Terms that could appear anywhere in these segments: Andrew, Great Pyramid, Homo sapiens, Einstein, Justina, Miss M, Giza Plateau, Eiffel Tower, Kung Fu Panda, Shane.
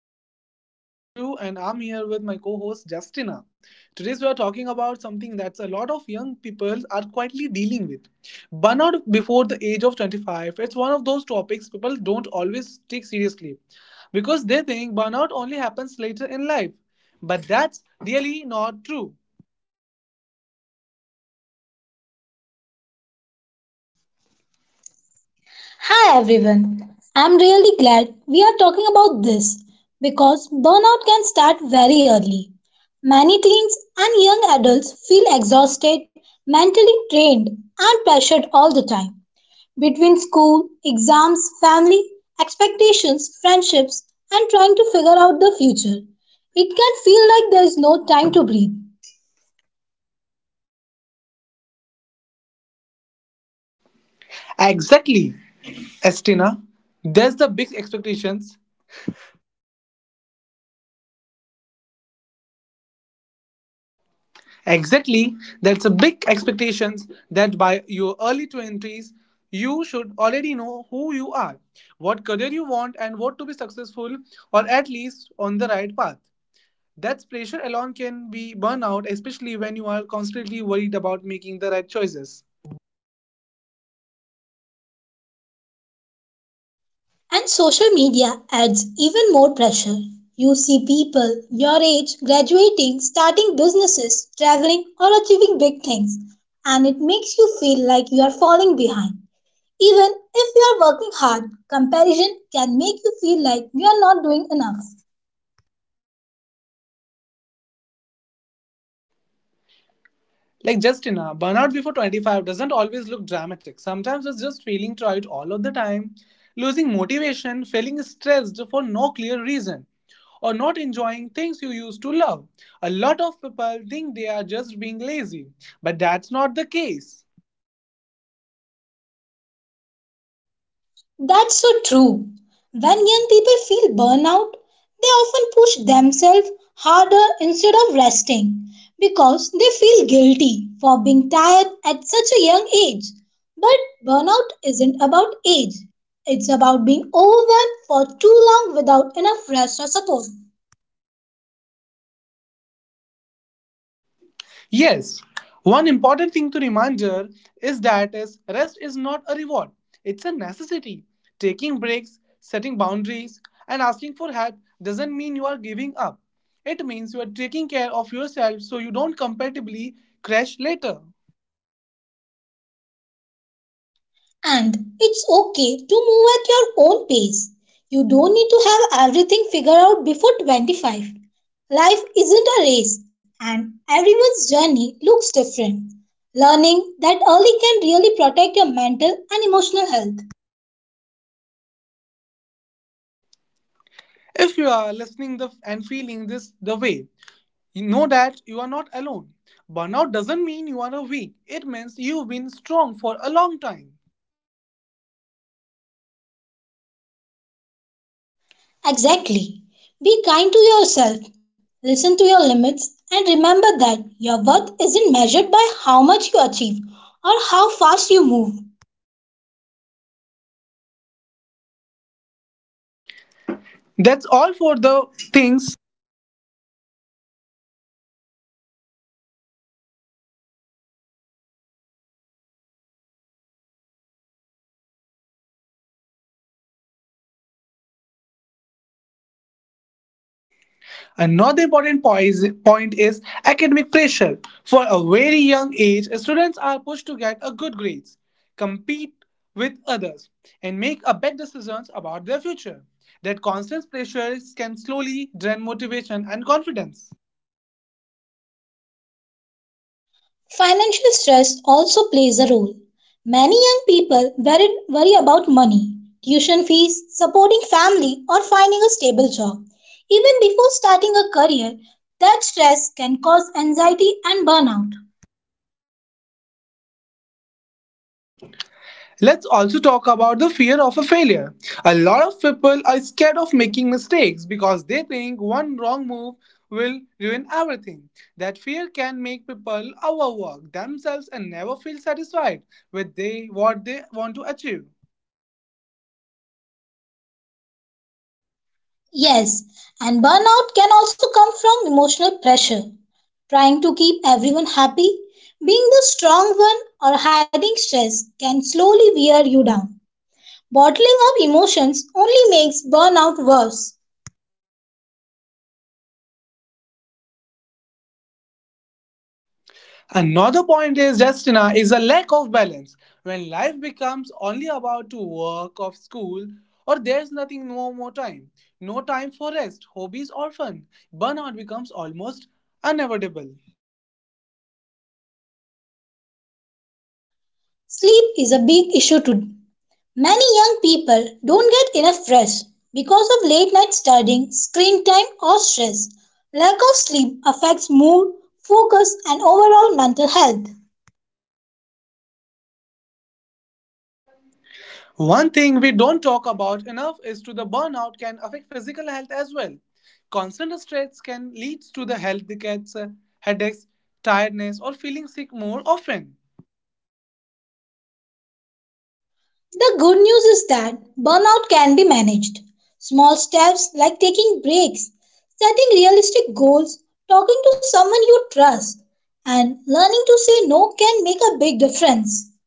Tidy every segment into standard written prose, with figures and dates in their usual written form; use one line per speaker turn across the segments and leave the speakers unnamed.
podcast. I'm Andrew and I'm here with my co host Justina. Today, we are talking about something that's a lot of young people are quietly dealing with burnout before the age of 25. It's one of those topics people don't always take seriously because they think burnout only happens later in life. But that's really not true.
Hi everyone. I'm really glad we are talking about this because burnout can start very early. Many teens and young adults feel exhausted, mentally drained, and pressured all the time. Between school, exams, family, expectations, friendships, and trying to figure out the future, it can feel like there is no time to breathe.
Exactly, Estina. There's the big expectations. Exactly. That's a big expectations that by your early 20s you should already know who you are, what career you want and what to be successful or at least on the right path. That pressure alone can be burnout especially when you are constantly worried about making the right choices.
And social media adds even more pressure. You see people your age graduating, starting businesses, traveling, or achieving big things, and it makes you feel like you are falling behind. Even if you are working hard, comparison can make you feel like you are not doing enough.
Like Justina, burnout before 25 doesn't always look dramatic. Sometimes it's just feeling tired all of the time, losing motivation, feeling stressed for no clear reason, or not enjoying things you used to love. A lot of people think they are just being lazy, but that's not the case.
That's so true. When young people feel burnout, they often push themselves harder instead of resting because they feel guilty for being tired at such a young age. But burnout isn't about age, it's about being overwhelmed for too long without enough rest or support.
Yes, one important thing to remember is that is rest is not a reward, it's a necessity. Taking breaks, setting boundaries, and asking for help doesn't mean you are giving up. It means you are taking care of yourself so you don't compatibly crash later.
And it's okay to move at your own pace. You don't need to have everything figured out before 25. Life isn't a race, and everyone's journey looks different. Learning that early can really protect your mental and emotional health.
If you are listening the, and feeling this the way, you know that you are not alone. Burnout doesn't mean you are weak, it means you've been strong for a long time.
Exactly. Be kind to yourself, listen to your limits, and remember that your worth isn't measured by how much you achieve or how fast you move.
That's all for the things. Another important point is academic pressure. For a very young age, students are pushed to get a good grades, compete with others, and make a bad decisions about their future. That constant pressure can slowly drain motivation and confidence.
Financial stress also plays a role. Many young people worry about money, tuition fees, supporting family, or finding a stable job. Even before starting a career, that stress can cause anxiety and burnout.
Let's also talk about the fear of a failure. A lot of people are scared of making mistakes because they think one wrong move will ruin everything. That fear can make people overwork themselves and never feel satisfied with what they want to achieve.
Yes, and burnout can also come from emotional pressure. Trying to keep everyone happy, being the strong one, or hiding stress can slowly wear you down. Bottling up emotions only makes burnout worse.
Another point is Justina is a lack of balance. When life becomes only about to work or school, or there's nothing no more time, no time for rest, hobbies or fun, burnout becomes almost unavoidable.
Sleep is a big issue today. Many young people don't get enough rest because of late night studying, screen time, or stress. Lack of sleep affects mood, focus, and overall mental health.
One thing we don't talk about enough is to the burnout can affect physical health as well. Constant stress can lead to the health decades, headaches, tiredness, or feeling sick more often.
The good news is that burnout can be managed. Small steps like taking breaks, setting realistic goals, talking to someone you trust, and learning to say no can make a big difference.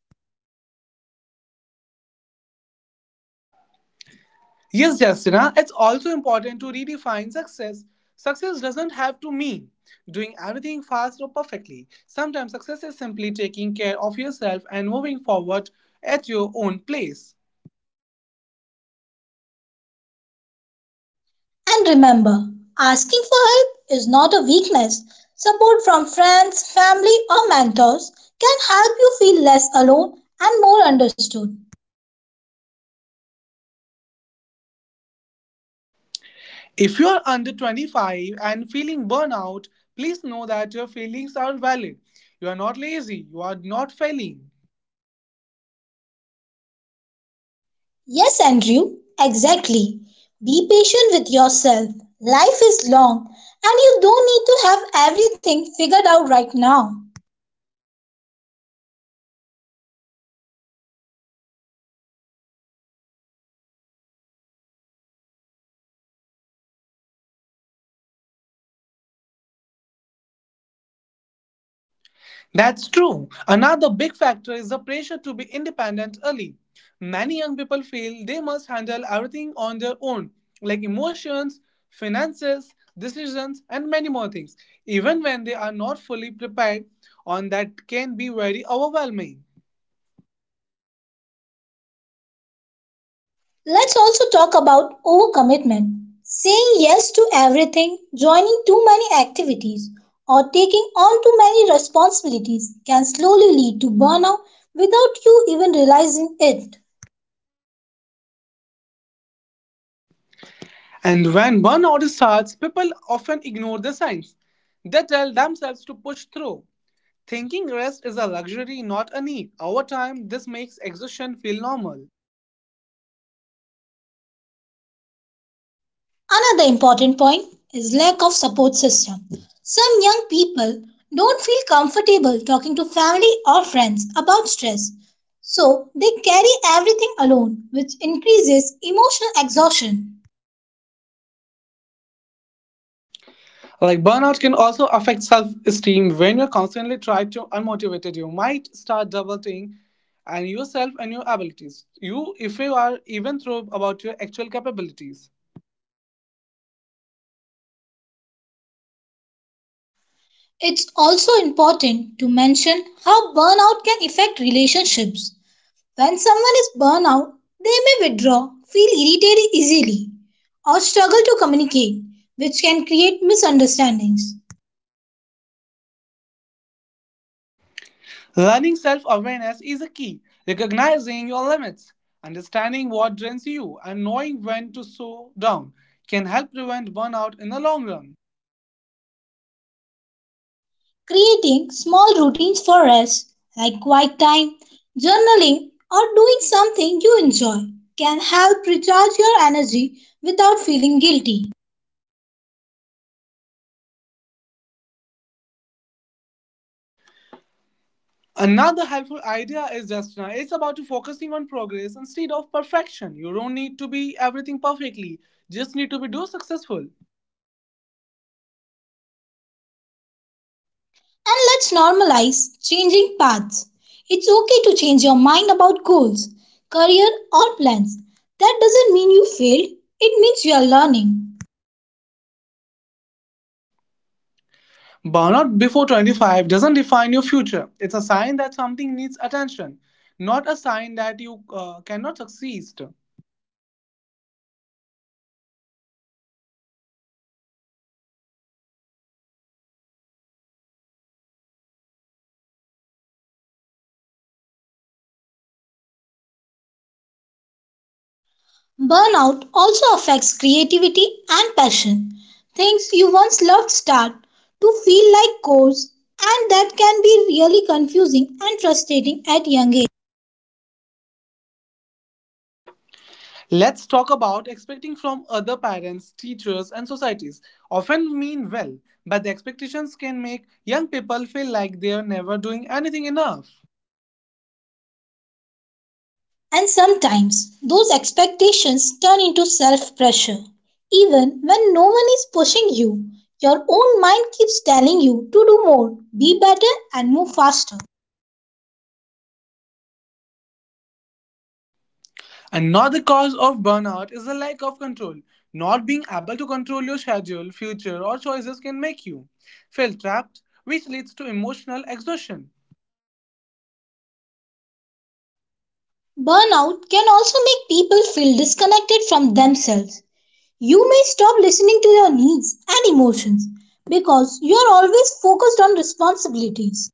Yes, Justina, it's also important to redefine success. Success doesn't have to mean doing everything fast or perfectly. Sometimes success is simply taking care of yourself and moving forward at your own pace.
And remember, asking for help is not a weakness. Support from friends, family, or mentors can help you feel less alone and more understood.
If you're under 25 and feeling burnout, please know that your feelings are valid. You are not lazy, you are not failing.
Yes, Andrew, exactly. Be patient with yourself. Life is long, and you don't need to have everything figured out right now.
That's true. Another big factor is the pressure to be independent early. Many young people feel they must handle everything on their own, like emotions, finances, decisions, and many more things, even when they are not fully prepared, and that can be very overwhelming.
Let's also talk about overcommitment. Saying yes to everything, joining too many activities, or taking on too many responsibilities can slowly lead to burnout without you even realizing it.
And when one order starts, people often ignore the signs. They tell themselves to push through, thinking rest is a luxury, not a need. Over time, this makes exhaustion feel normal.
Another important point is lack of support system. Some young people don't feel comfortable talking to family or friends about stress, so they carry everything alone, which increases emotional exhaustion.
Like burnout can also affect self esteem when you're constantly tried to unmotivated. You might start doubting and yourself and your abilities. You, if you are even through about your actual capabilities.
It's also important to mention how burnout can affect relationships. When someone is burnt out, they may withdraw, feel irritated easily, or struggle to communicate, which can create misunderstandings.
Learning self awareness is a key. Recognizing your limits, understanding what drains you, and knowing when to slow down can help prevent burnout in the long run.
Creating small routines for rest, like quiet time, journaling, or doing something you enjoy, can help recharge your energy without feeling guilty.
Another helpful idea is just now it's about to focusing on progress instead of perfection. You don't need to be everything perfectly, just need to be do successful.
And let's normalize changing paths. It's okay to change your mind about goals, career, or plans. That doesn't mean you failed, it means you are learning.
Burnout before 25 doesn't define your future. It's a sign that something needs attention, not a sign that you cannot succeed.
Burnout also affects creativity and passion. Things you once loved start to feel like chores, and that can be really confusing and frustrating at young age.
Let's talk about expecting from other parents, teachers, and societies. Often mean well, but the expectations can make young people feel like they are never doing anything enough.
And sometimes those expectations turn into self pressure. Even when no one is pushing you, your own mind keeps telling you to do more, be better, and move faster.
Another cause of burnout is the lack of control. Not being able to control your schedule, future, or choices can make you feel trapped, which leads to emotional exhaustion.
Burnout can also make people feel disconnected from themselves. You may stop listening to your needs and emotions because you are always focused on responsibilities.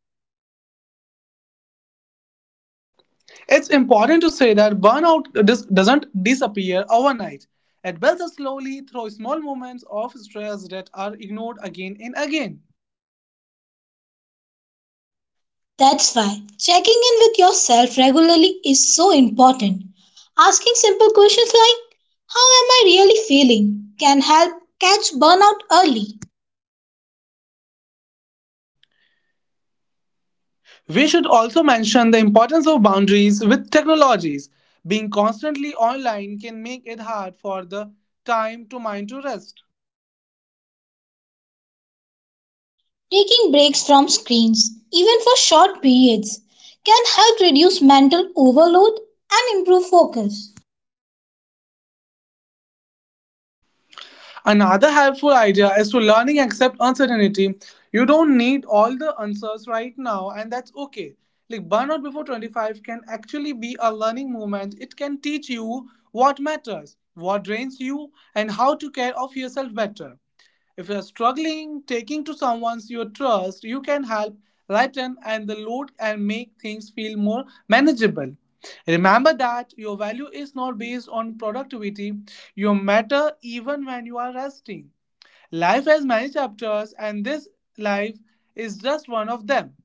It's important to say that burnout doesn't disappear overnight. It builds up slowly through small moments of stress that are ignored again and again.
That's why checking in with yourself regularly is so important. Asking simple questions like, how am I really feeling? Can help catch burnout early.
We should also mention the importance of boundaries with technologies. Being constantly online can make it hard for the time to mind to rest.
Taking breaks from screens, even for short periods, can help reduce mental overload and improve focus.
Another helpful idea is to learning accept uncertainty. You don't need all the answers right now, and that's okay. Like burnout before 25 can actually be a learning moment. It can teach you what matters, what drains you, and how to care of yourself better. If you're struggling taking to someone's your trust, you can help lighten and the load and make things feel more manageable. Remember that your value is not based on productivity. You matter even when you are resting. Life has many chapters and this life is just one of them.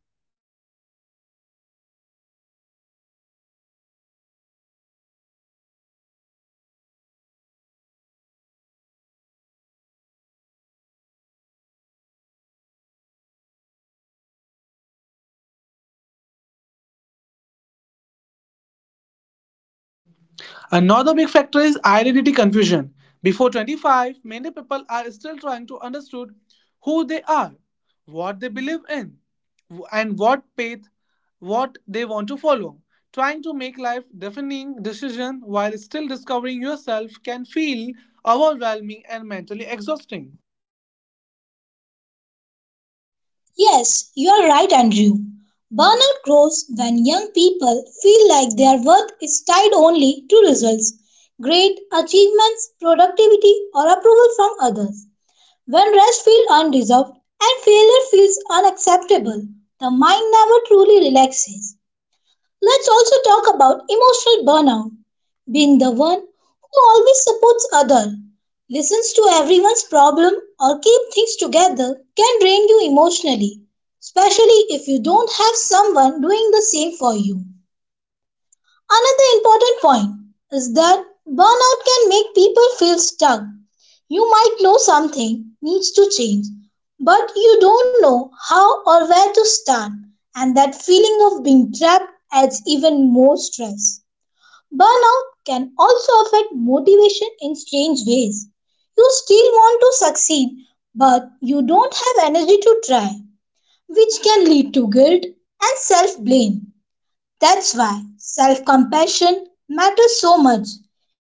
Another big factor is identity confusion. Before 25, many people are still trying to understand who they are, what they believe in, and what path what they want to follow. Trying to make life defining decision while still discovering yourself can feel overwhelming and mentally exhausting.
Yes, you are right, Andrew. Burnout grows when young people feel like their worth is tied only to results, grade, achievements, productivity, or approval from others. When rest feels undeserved and failure feels unacceptable, the mind never truly relaxes. Let's also talk about emotional burnout, being the one who always supports other, listens to everyone's problem or keep things together can drain you emotionally, especially if you don't have someone doing the same for you. Another important point is that burnout can make people feel stuck. You might know something needs to change, but you don't know how or where to start, and that feeling of being trapped adds even more stress. Burnout can also affect motivation in strange ways. You still want to succeed, but you don't have energy to try, which can lead to guilt and self blame. That's why self compassion matters so much.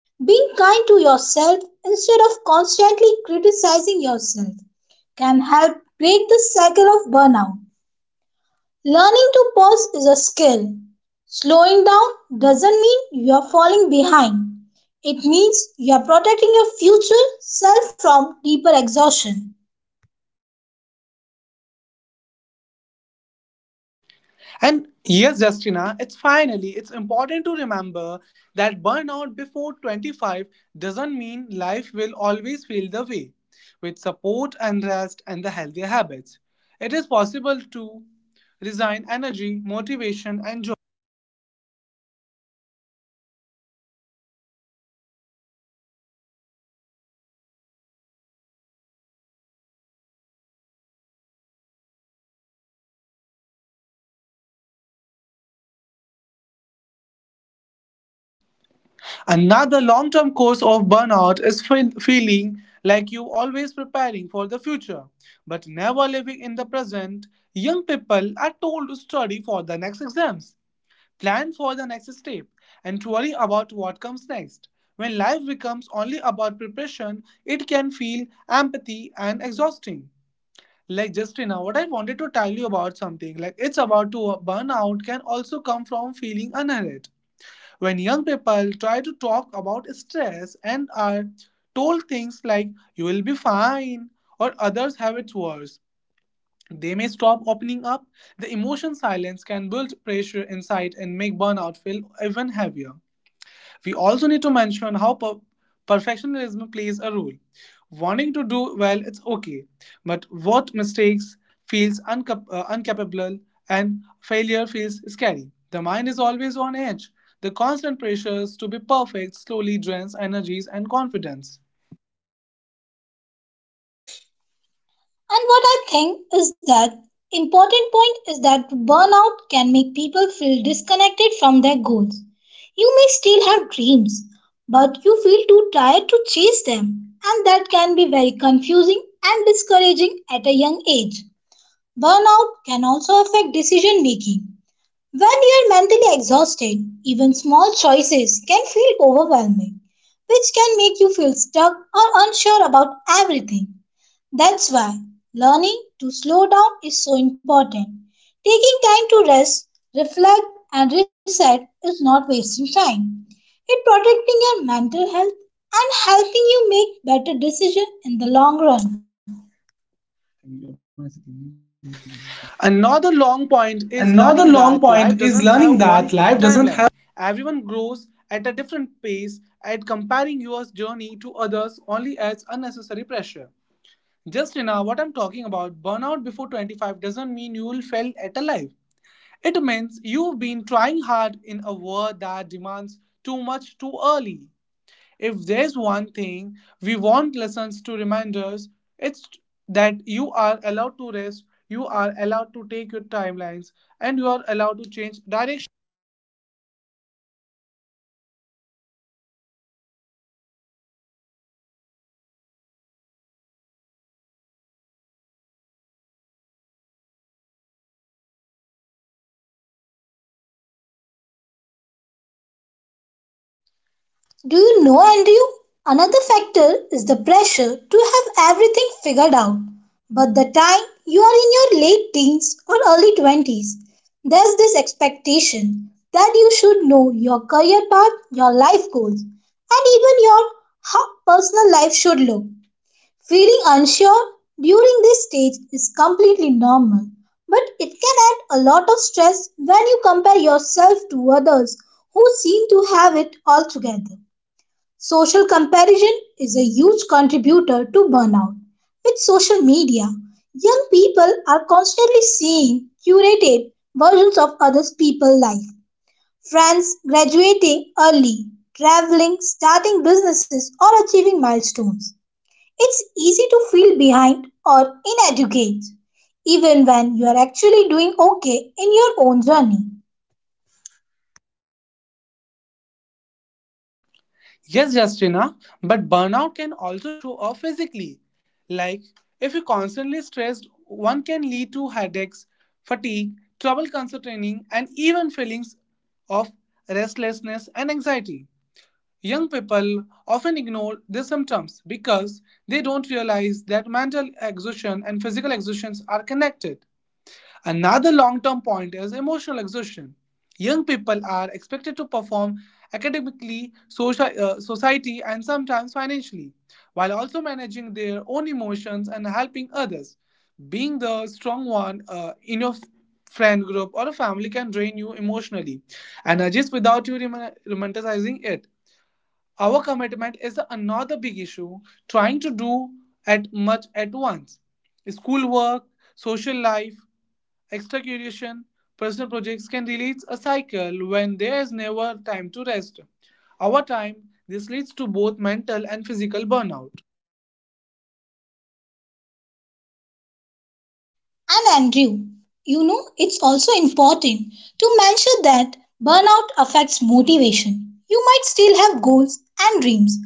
Being kind to yourself instead of constantly criticizing yourself can help break the cycle of burnout. Learning to pause is a skill. Slowing down doesn't mean you're falling behind, it means you're protecting your future self from deeper exhaustion.
And yes, Justina, it's finally, it's important to remember that burnout before 25 doesn't mean life will always feel the way. With support and rest and the healthier habits, it is possible to resign energy, motivation, and joy. Another long term cause of burnout is feeling like you always preparing for the future, but never living in the present. Young people are told to study for the next exams plan for the next step, and worry about what comes next. When life becomes only about preparation, it can feel empathy and exhausting. Like Justina, what I wanted to tell you about something, like it's about to burn out can also come from feeling unheard. When young people try to talk about stress and are told things like you will be fine or others have it worse, they may stop opening up. The emotion silence can build pressure inside and make burnout feel even heavier. We also need to mention how perfectionism plays a role. Wanting to do well it's okay, but what mistakes feels incapable and failure feels scary. The mind is always on edge. The constant pressures to be perfect slowly drains energies and confidence.
And what I think is that important point is that burnout can make people feel disconnected from their goals. You may still have dreams, but you feel too tired to chase them, and that can be very confusing and discouraging at a young age. Burnout can also affect decision making. When you are mentally exhausted, even small choices can feel overwhelming, which can make you feel stuck or unsure about everything. That's why learning to slow down is so important. Taking time to rest, reflect, and reset is not wasting time. It protecting your mental health and helping you make better decisions in the long run.
Another long point is learning that life doesn't have one timeline. Everyone grows at a different pace, and comparing your journey to others only adds unnecessary pressure. Just now, what I'm talking about, burnout before 25 doesn't mean you will fail at a life. It means you've been trying hard in a world that demands too much too early. If there's one thing we want lessons to remind us, it's that you are allowed to rest, you are allowed to take your timelines, and you are allowed to change direction.
Do you know, Andrew? Another factor is the pressure to have everything figured out. But the time you are in your late teens or early 20s, there's this expectation that you should know your career path, your life goals, and even your how personal life should look. Feeling unsure during this stage is completely normal, but it can add a lot of stress when you compare yourself to others who seem to have it all together. Social comparison is a huge contributor to burnout. With social media, young people are constantly seeing curated versions of other people's life. Friends graduating early, traveling, starting businesses, or achieving milestones. It's easy to feel behind or inadequate, even when you are actually doing okay in your own journey.
Yes, Justina, but burnout can also show up physically. Like, if you're constantly stressed, one can lead to headaches, fatigue, trouble concentrating, and even feelings of restlessness and anxiety. Young people often ignore these symptoms because they don't realize that mental exhaustion and physical exhaustions are connected. Another long term point is emotional exhaustion. Young people are expected to perform academically, society, and sometimes financially, while also managing their own emotions and helping others. Being the strong one in your friend group or a family can drain you emotionally and adjust without you romanticizing it. Our commitment is another big issue, trying to do at much at once. Schoolwork, social life, extracurriculation, personal projects can release a cycle when there is never time to rest. Over time, this leads to both mental and physical burnout.
And Andrew, you know, it's also important to mention that burnout affects motivation. You might still have goals and dreams,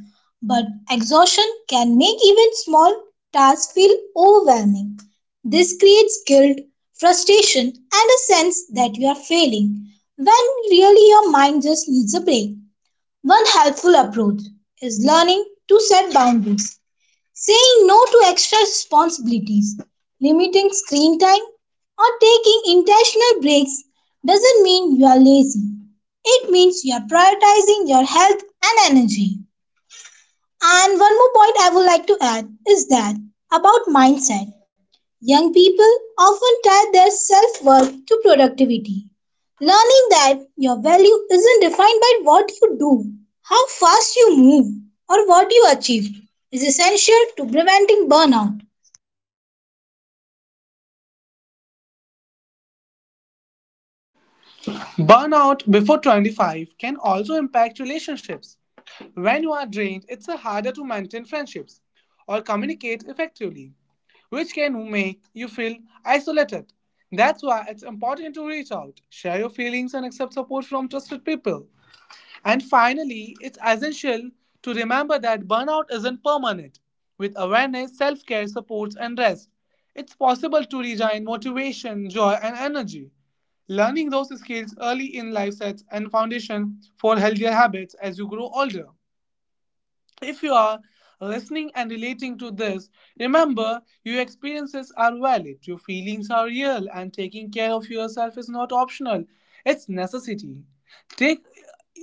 but exhaustion can make even small tasks feel overwhelming. This creates guilt, frustration, and a sense that you are failing when really your mind just needs a break. One helpful approach is learning to set boundaries saying no to extra responsibilities, limiting screen time, or taking intentional breaks doesn't mean you are lazy. It means you are prioritizing your health and energy. And one more point I would like to add is that about mindset. Young people often tie their self worth to productivity, learning that your value isn't defined by what you do, how fast you move, or what you achieve is essential to preventing burnout.
Burnout before 25 can also impact relationships. When you are drained, it's harder to maintain friendships or communicate effectively, which can make you feel isolated. That's why it's important to reach out, share your feelings, and accept support from trusted people. And finally, it's essential to remember that burnout isn't permanent. With awareness, self care, supports, and rest, it's possible to regain motivation, joy, and energy. Learning those skills early in life sets a foundation for healthier habits as you grow older. If you are listening and relating to this, remember your experiences are valid, your feelings are real, and taking care of yourself is not optional, it's necessity. Take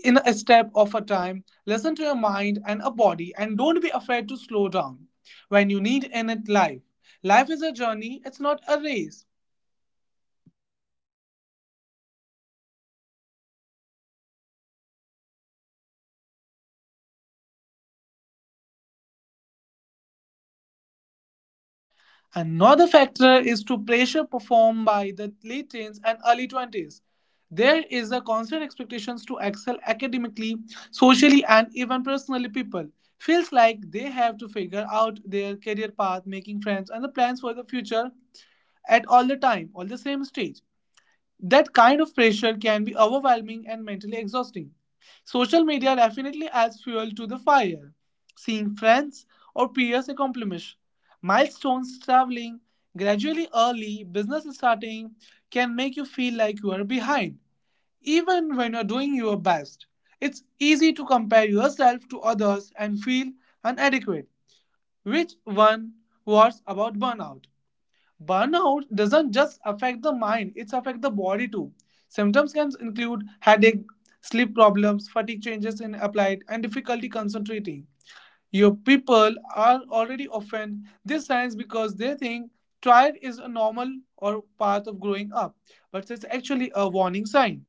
in a step of a time, listen to your mind and a body, and don't be afraid to slow down when you need in it life. Life is a journey, it's not a race. Another factor is to pressure performed by the late teens and early 20s. There is a constant expectations to excel academically, socially, and even personally. People feels like they have to figure out their career path, making friends, and the plans for the future at all the time, all the same stage. That kind of pressure can be overwhelming and mentally exhausting. Social media definitely adds fuel to the fire. Seeing friends or peers accomplish milestones, traveling gradually early, business starting can make you feel like you are behind, even when you are doing your best. It's easy to compare yourself to others and feel inadequate, which one was about burnout. Burnout doesn't just affect the mind, it affects the body too. Symptoms can include headache, sleep problems, fatigue changes in appetite, and difficulty concentrating. Your people are already often these signs because they think tired is a normal or part of growing up, but it's actually a warning sign.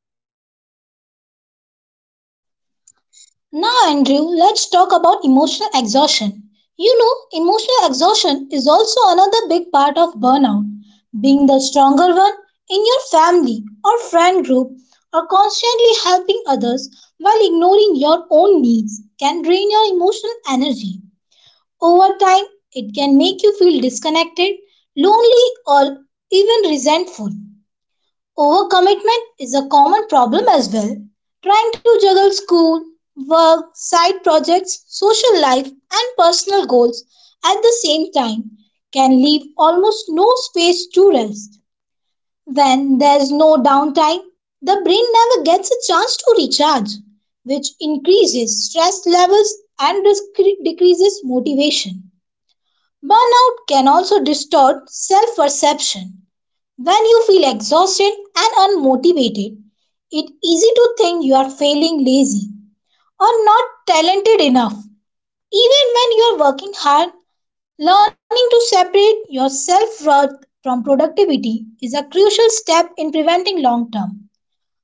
Now, Andrew, let's talk about emotional exhaustion. You know, emotional exhaustion is also another big part of burnout. Being the stronger one in your family or friend group or constantly helping others while ignoring your own needs can drain your emotional energy. Over time, it can make you feel disconnected, lonely, or even resentful. Overcommitment is a common problem as well. Trying to juggle school, work, side projects, social life, and personal goals at the same time can leave almost no space to rest. When there's no downtime, the brain never gets a chance to recharge, which increases stress levels and decreases motivation. Burnout can also distort self perception when you feel exhausted and unmotivated, it's easy to think you are failing, lazy, or not talented enough. Even when you are working hard, learning to separate your self worth from productivity is a crucial step in preventing long term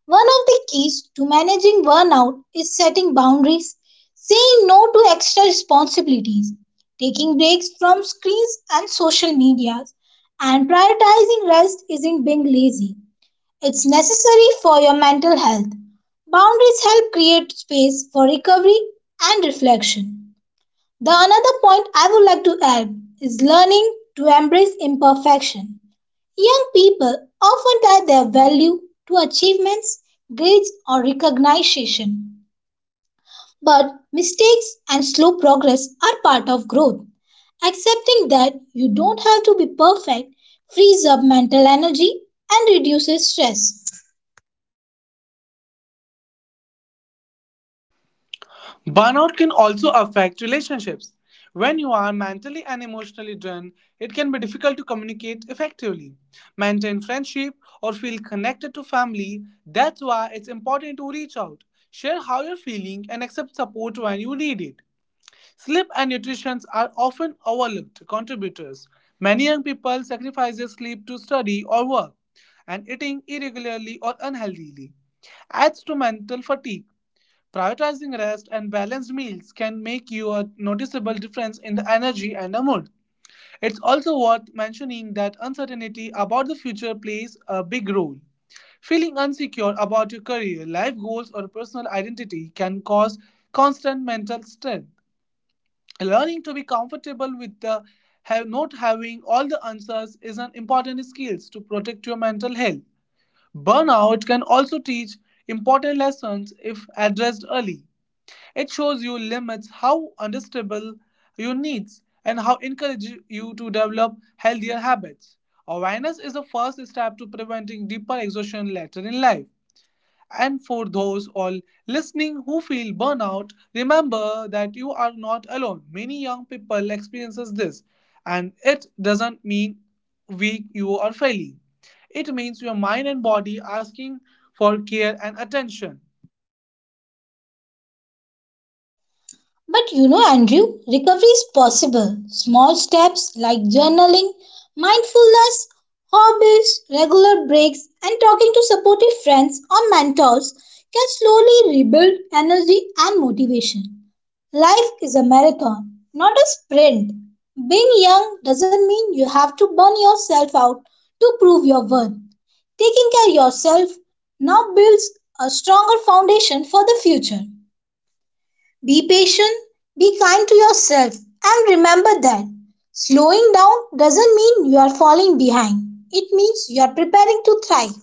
one of the keys to managing burnout is setting boundaries, saying no to extra responsibilities, taking breaks from screens and social medias, and prioritizing rest isn't being lazy. It's necessary for your mental health. Boundaries help create space for recovery and reflection. The another point I would like to add is learning to embrace imperfection. Young people often tie their value to achievements, grades, or recognition. But mistakes and slow progress are part of growth. Accepting that you don't have to be perfect frees up mental energy and reduces stress.
Burnout can also affect relationships. When you are mentally and emotionally drained, it can be difficult to communicate effectively, maintain friendship, or feel connected to family. That's why it's important to reach out, share how you're feeling, and accept support when you need it. Sleep and nutrition are often overlooked contributors. Many young people sacrifice their sleep to study or work, and eating irregularly or unhealthily adds to mental fatigue. Prioritizing rest and balanced meals can make you a noticeable difference in the energy and the mood. It's also worth mentioning that uncertainty about the future plays a big role. Feeling insecure about your career, life goals, or personal identity can cause constant mental stress. Learning to be comfortable with the have not having all the answers is an important skill to protect your mental health. Burnout can also teach important lessons if addressed early. It shows you limits, how understandable your needs, and how encourage you to develop healthier habits. Awareness is the first step to preventing deeper exhaustion later in life. And for those all listening who feel burnout, remember that you are not alone. Many young people experiences this, and it doesn't mean weak you are failing. It means your mind and body asking for care and attention.
But you know, Andrew, recovery is possible. Small steps like journaling, mindfulness, hobbies, regular breaks, and talking to supportive friends or mentors can slowly rebuild energy and motivation. Life is a marathon, not a sprint. Being young doesn't mean you have to burn yourself out to prove your worth. Taking care of yourself now builds a stronger foundation for the future. Be patient, be kind to yourself, and remember that slowing down doesn't mean you are falling behind. It means you are preparing to thrive.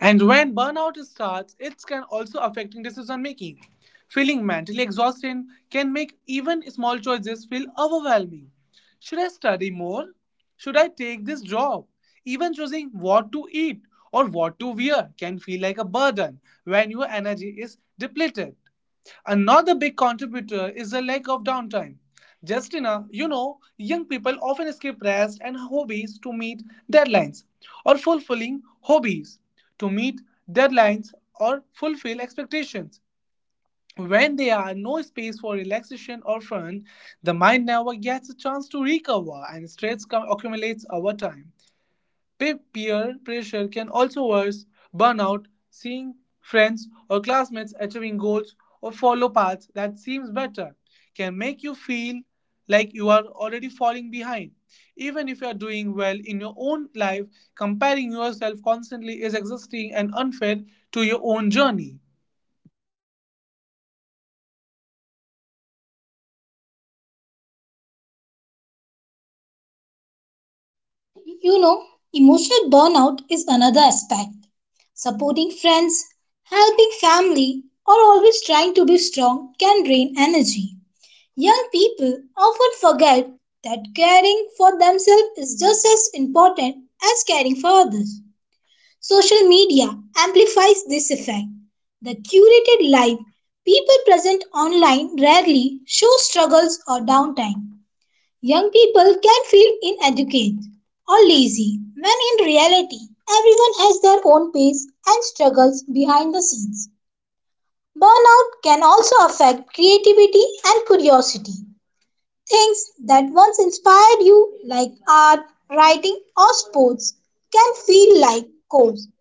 And when burnout starts, it can also affect decision making. Feeling mentally exhausted can make even small choices feel overwhelming. Should I study more? Should I take this job? Even choosing what to eat or what to wear can feel like a burden when your energy is depleted. Another big contributor is the lack of downtime. Justina, young people often skip rest and hobbies to meet deadlines or fulfilling hobbies to meet deadlines or fulfill expectations. When there are no space for relaxation or fun, the mind never gets a chance to recover and accumulates over time. Peer pressure can also worse burnout, seeing friends or classmates achieving goals or follow paths that seems better can make you feel like you are already falling behind. Even if you are doing well in your own life, comparing yourself constantly is exhausting and unfair to your own journey.
You know, emotional burnout is another aspect. Supporting friends, helping family, or always trying to be strong can drain energy. Young people often forget that caring for themselves is just as important as caring for others. Social media amplifies this effect. The curated life people present online rarely show struggles or downtime. Young people can feel inadequate or lazy when in reality, everyone has their own pace and struggles behind the scenes. Burnout can also affect creativity and curiosity. Things that once inspired you, like art, writing, or sports, can feel like chores.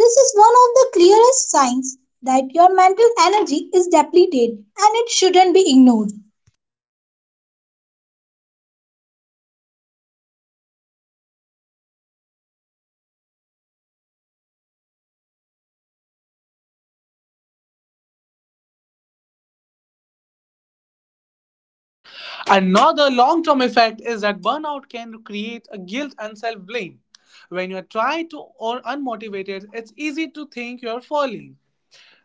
This is one of the clearest signs that your mental energy is depleted and it shouldn't be ignored.
Another long term effect is that burnout can create a guilt and self blame. When you are tired to or unmotivated, it's easy to think you are falling.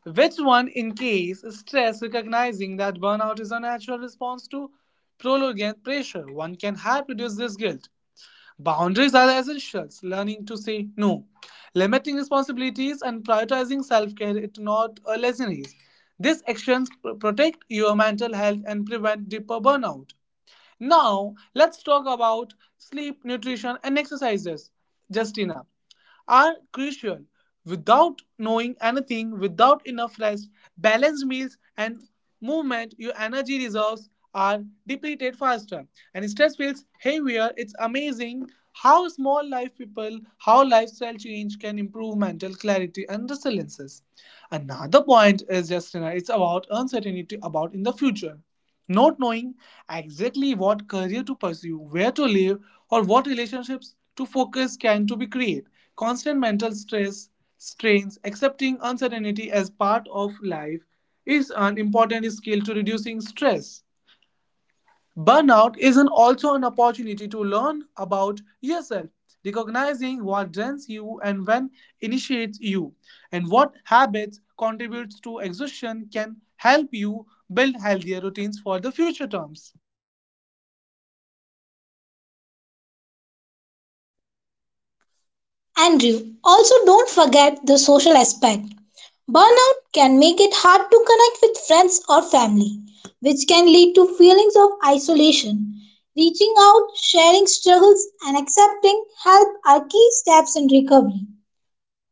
Which one, in case stress, recognizing that burnout is a natural response to prolonged pressure, one can help reduce this guilt. Boundaries are essentials. Learning to say no, limiting responsibilities, and prioritizing self care is not a laziness. These actions protect your mental health and prevent deeper burnout. Now, let's talk about sleep, nutrition, and exercises. Justina are crucial. Without knowing anything, without enough rest, balanced meals, and movement, your energy reserves are depleted faster. And stress feels heavier. It's amazing how small life people, how lifestyle change can improve mental clarity and resiliences. Another point is justina. It's about uncertainty about in the future not knowing exactly what career to pursue, where to live, or what relationships to focus can to be create. Constant mental stress, strains, accepting uncertainty as part of life is an important skill to reducing stress. Burnout is an also an opportunity to learn about yourself, recognizing what drains you and when initiates you, and what habits contributes to exhaustion can help you build healthier routines for the future terms.
Andrew, also don't forget the social aspect. Burnout can make it hard to connect with friends or family, which can lead to feelings of isolation. Reaching out, sharing struggles, and accepting help are key steps in recovery.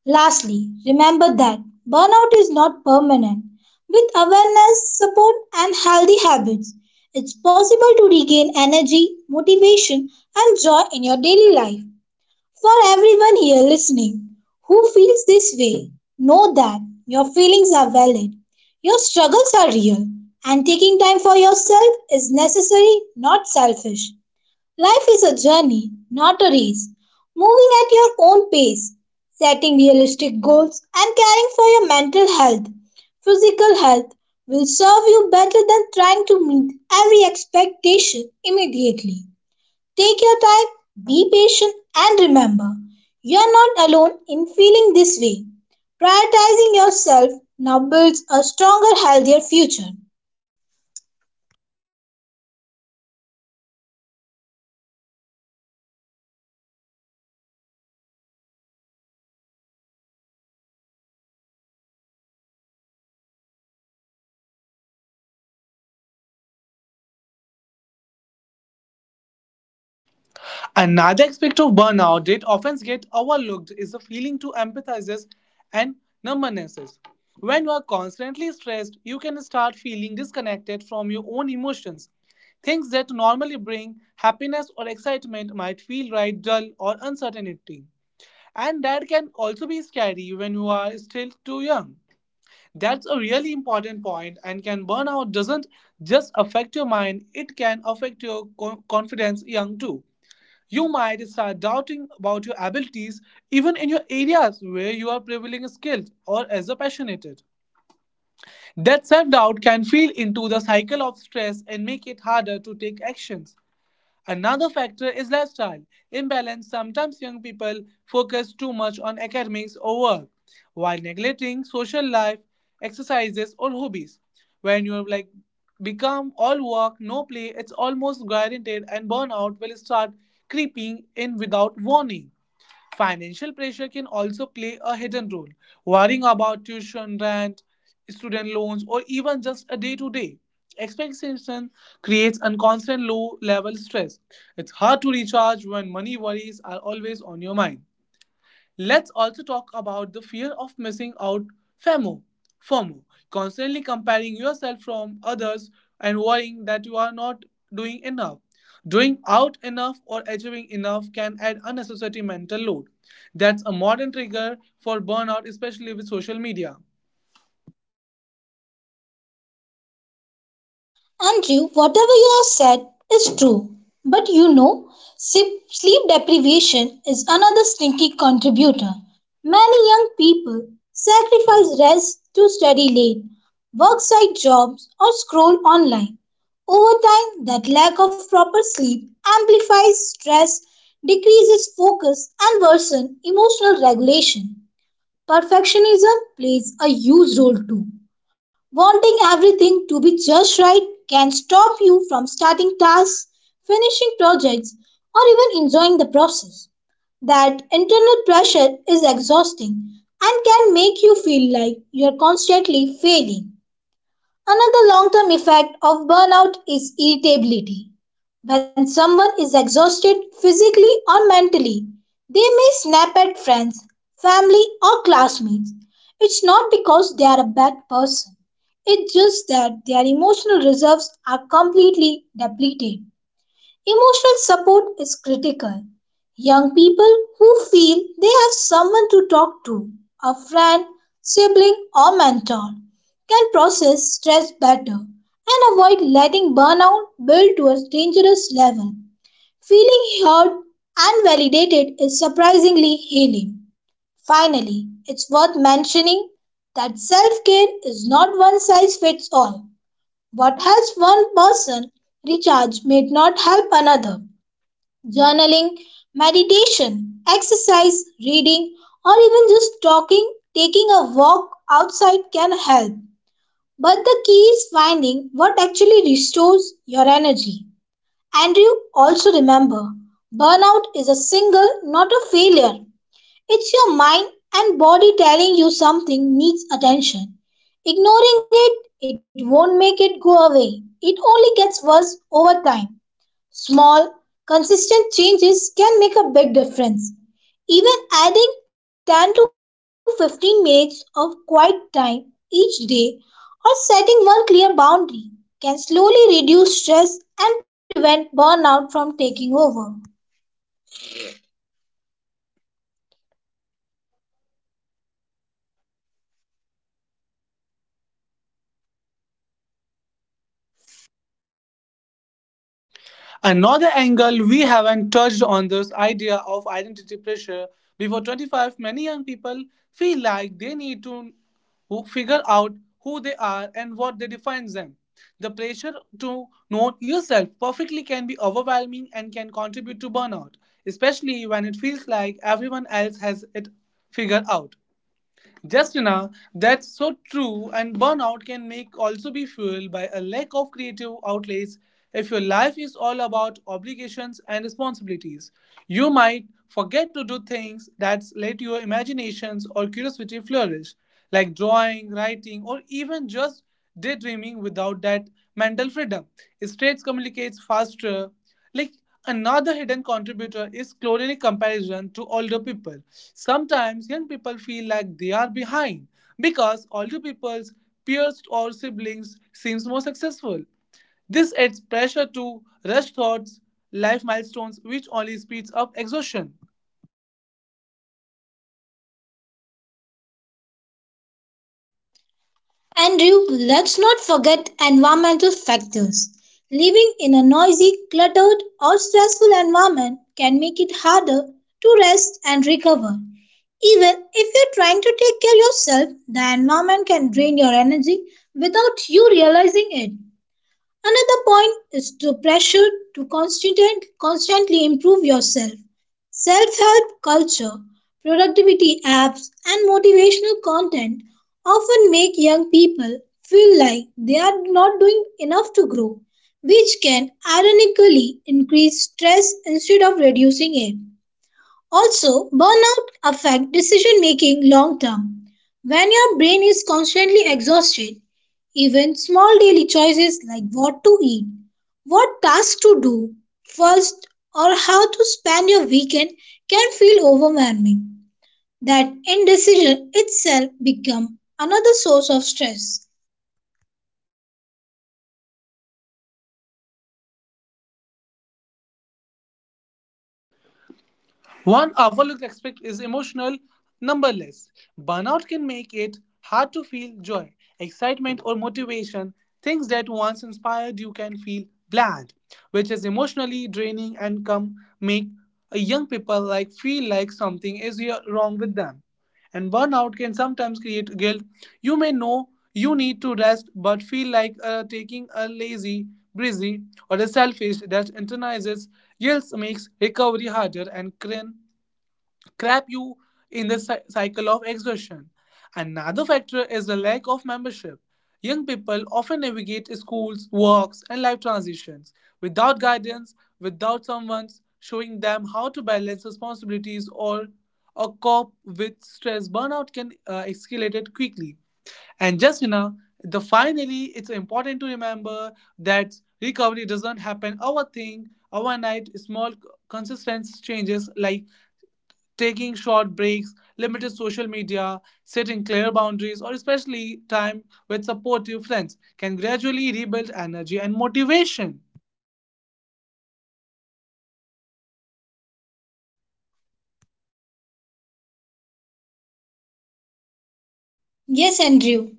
Lastly, remember that burnout is not permanent. With awareness, support, and healthy habits, it's possible to regain energy, motivation, and joy in your daily life. For everyone here listening who feels this way, know that your feelings are valid, your struggles are real, and taking time for yourself is necessary, not selfish. Life is a journey, not a race, moving at your own pace, setting realistic goals, and caring for your mental health. Physical health will serve you better than trying to meet every expectation immediately. Take your time, be patient, and remember you are not alone in feeling this way. Prioritizing yourself now builds a stronger, healthier future.
Another aspect of burnout that often gets overlooked is the feeling to empathizes and numbnesses. When you are constantly stressed, you can start feeling disconnected from your own emotions. Things that normally bring happiness or excitement might feel right dull or uncertainty. And that can also be scary when you are still too young. That's a really important point and can burnout doesn't just affect your mind, it can affect your confidence young too. You might start doubting about your abilities even in your areas where you are prevailing skilled or as a passionate. That self doubt can feed into the cycle of stress and make it harder to take actions. Another factor is lifestyle imbalance. Sometimes young people focus too much on academics or work while neglecting social life, exercises, or hobbies. When you like become all work, no play, it's almost guaranteed, and burnout will start creeping in without warning. Financial pressure can also play a hidden role. Worrying about tuition, rent, student loans, or even just a day to day expectation creates a constant low level stress. It's hard to recharge when money worries are always on your mind. Let's also talk about the fear of missing out, FOMO. FOMO, constantly comparing yourself from others and worrying that you are not doing enough. Doing out enough or achieving enough can add unnecessary mental load. That's a modern trigger for burnout, especially with social media.
Andrew, whatever you have said is true, but you know, sleep deprivation is another sneaky contributor. Many young people sacrifice rest to study late, work side jobs, or scroll online. Over time, that lack of proper sleep amplifies stress, decreases focus, and worsens emotional regulation. Perfectionism plays a huge role too. Wanting everything to be just right can stop you from starting tasks, finishing projects, or even enjoying the process. That internal pressure is exhausting and can make you feel like you're constantly failing. Another long term effect of burnout is irritability. When someone is exhausted physically or mentally, they may snap at friends, family, or classmates. It's not because they are a bad person, it's just that their emotional reserves are completely depleted. Emotional support is critical. Young people who feel they have someone to talk to, a friend, sibling, or mentor, can process stress better and avoid letting burnout build to a dangerous level. Feeling heard and validated is surprisingly healing. Finally, it's worth mentioning that self care is not one size fits all. What helps one person recharge may not help another. Journaling, meditation, exercise, reading, or even just talking, taking a walk outside can help. But the key is finding what actually restores your energy. And you also remember, burnout is a signal, not a failure. It's your mind and body telling you something needs attention. Ignoring it, it won't make it go away. It only gets worse over time. Small, consistent changes can make a big difference. Even adding 10 to 15 minutes of quiet time each day or setting one clear boundary can slowly reduce stress and prevent burnout from taking over.
Another angle we haven't touched on this idea of identity pressure. Before 25, many young people feel like they need to who figure out who they are and what they defines them. The pressure to know yourself perfectly can be overwhelming and can contribute to burnout, especially when it feels like everyone else has it figured out. Justina, that's so true, and burnout can make also be fueled by a lack of creative outlets. If your life is all about obligations and responsibilities, you might forget to do things that let your imaginations or curiosity flourish, like drawing, writing, or even just daydreaming without that mental freedom. States communicates faster, like another hidden contributor is clothing comparison to older people. Sometimes young people feel like they are behind because older people's peers or siblings seems more successful. This adds pressure to rush thoughts, life milestones, which only speeds up exhaustion.
Andrew, let's not forget environmental factors. Living in a noisy, cluttered, or stressful environment can make it harder to rest and recover. Even if you're trying to take care of yourself, the environment can drain your energy without you realizing it. Another point is to pressure to constantly improve yourself. Self help culture, productivity apps, and motivational content often make young people feel like they are not doing enough to grow, which can ironically increase stress instead of reducing it. Also, burnout affect decision making long term. When your brain is constantly exhausted, even small daily choices like what to eat, what task to do first, or how to spend your weekend can feel overwhelming. That indecision itself become another source of stress.
One overlooked aspect is emotional numberless. Burnout can make it hard to feel joy, excitement, or motivation. Things that once inspired you can feel bland, which is emotionally draining and can make a young people like feel like something is here wrong with them. And burnout can sometimes create guilt. You may know you need to rest, but feel like taking a lazy, breezy, or a selfish that internalizes guilt makes recovery harder and cringe trap you in the cycle of exhaustion. Another factor is the lack of membership. Young people often navigate schools, works, and life transitions without guidance, without someone showing them how to balance responsibilities or cope with stress. Burnout can escalate it quickly. And just you the finally, it's important to remember that recovery doesn't happen overnight. Small consistent changes like taking short breaks, limited social media, setting clear boundaries, or especially time with supportive friends can gradually rebuild energy and motivation.
Yes, Andrew.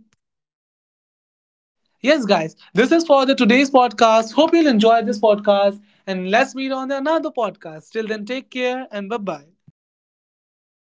Yes, guys, this is for the today's podcast. Hope you'll enjoy this podcast and let's meet on another podcast. Till then, take care and bye bye.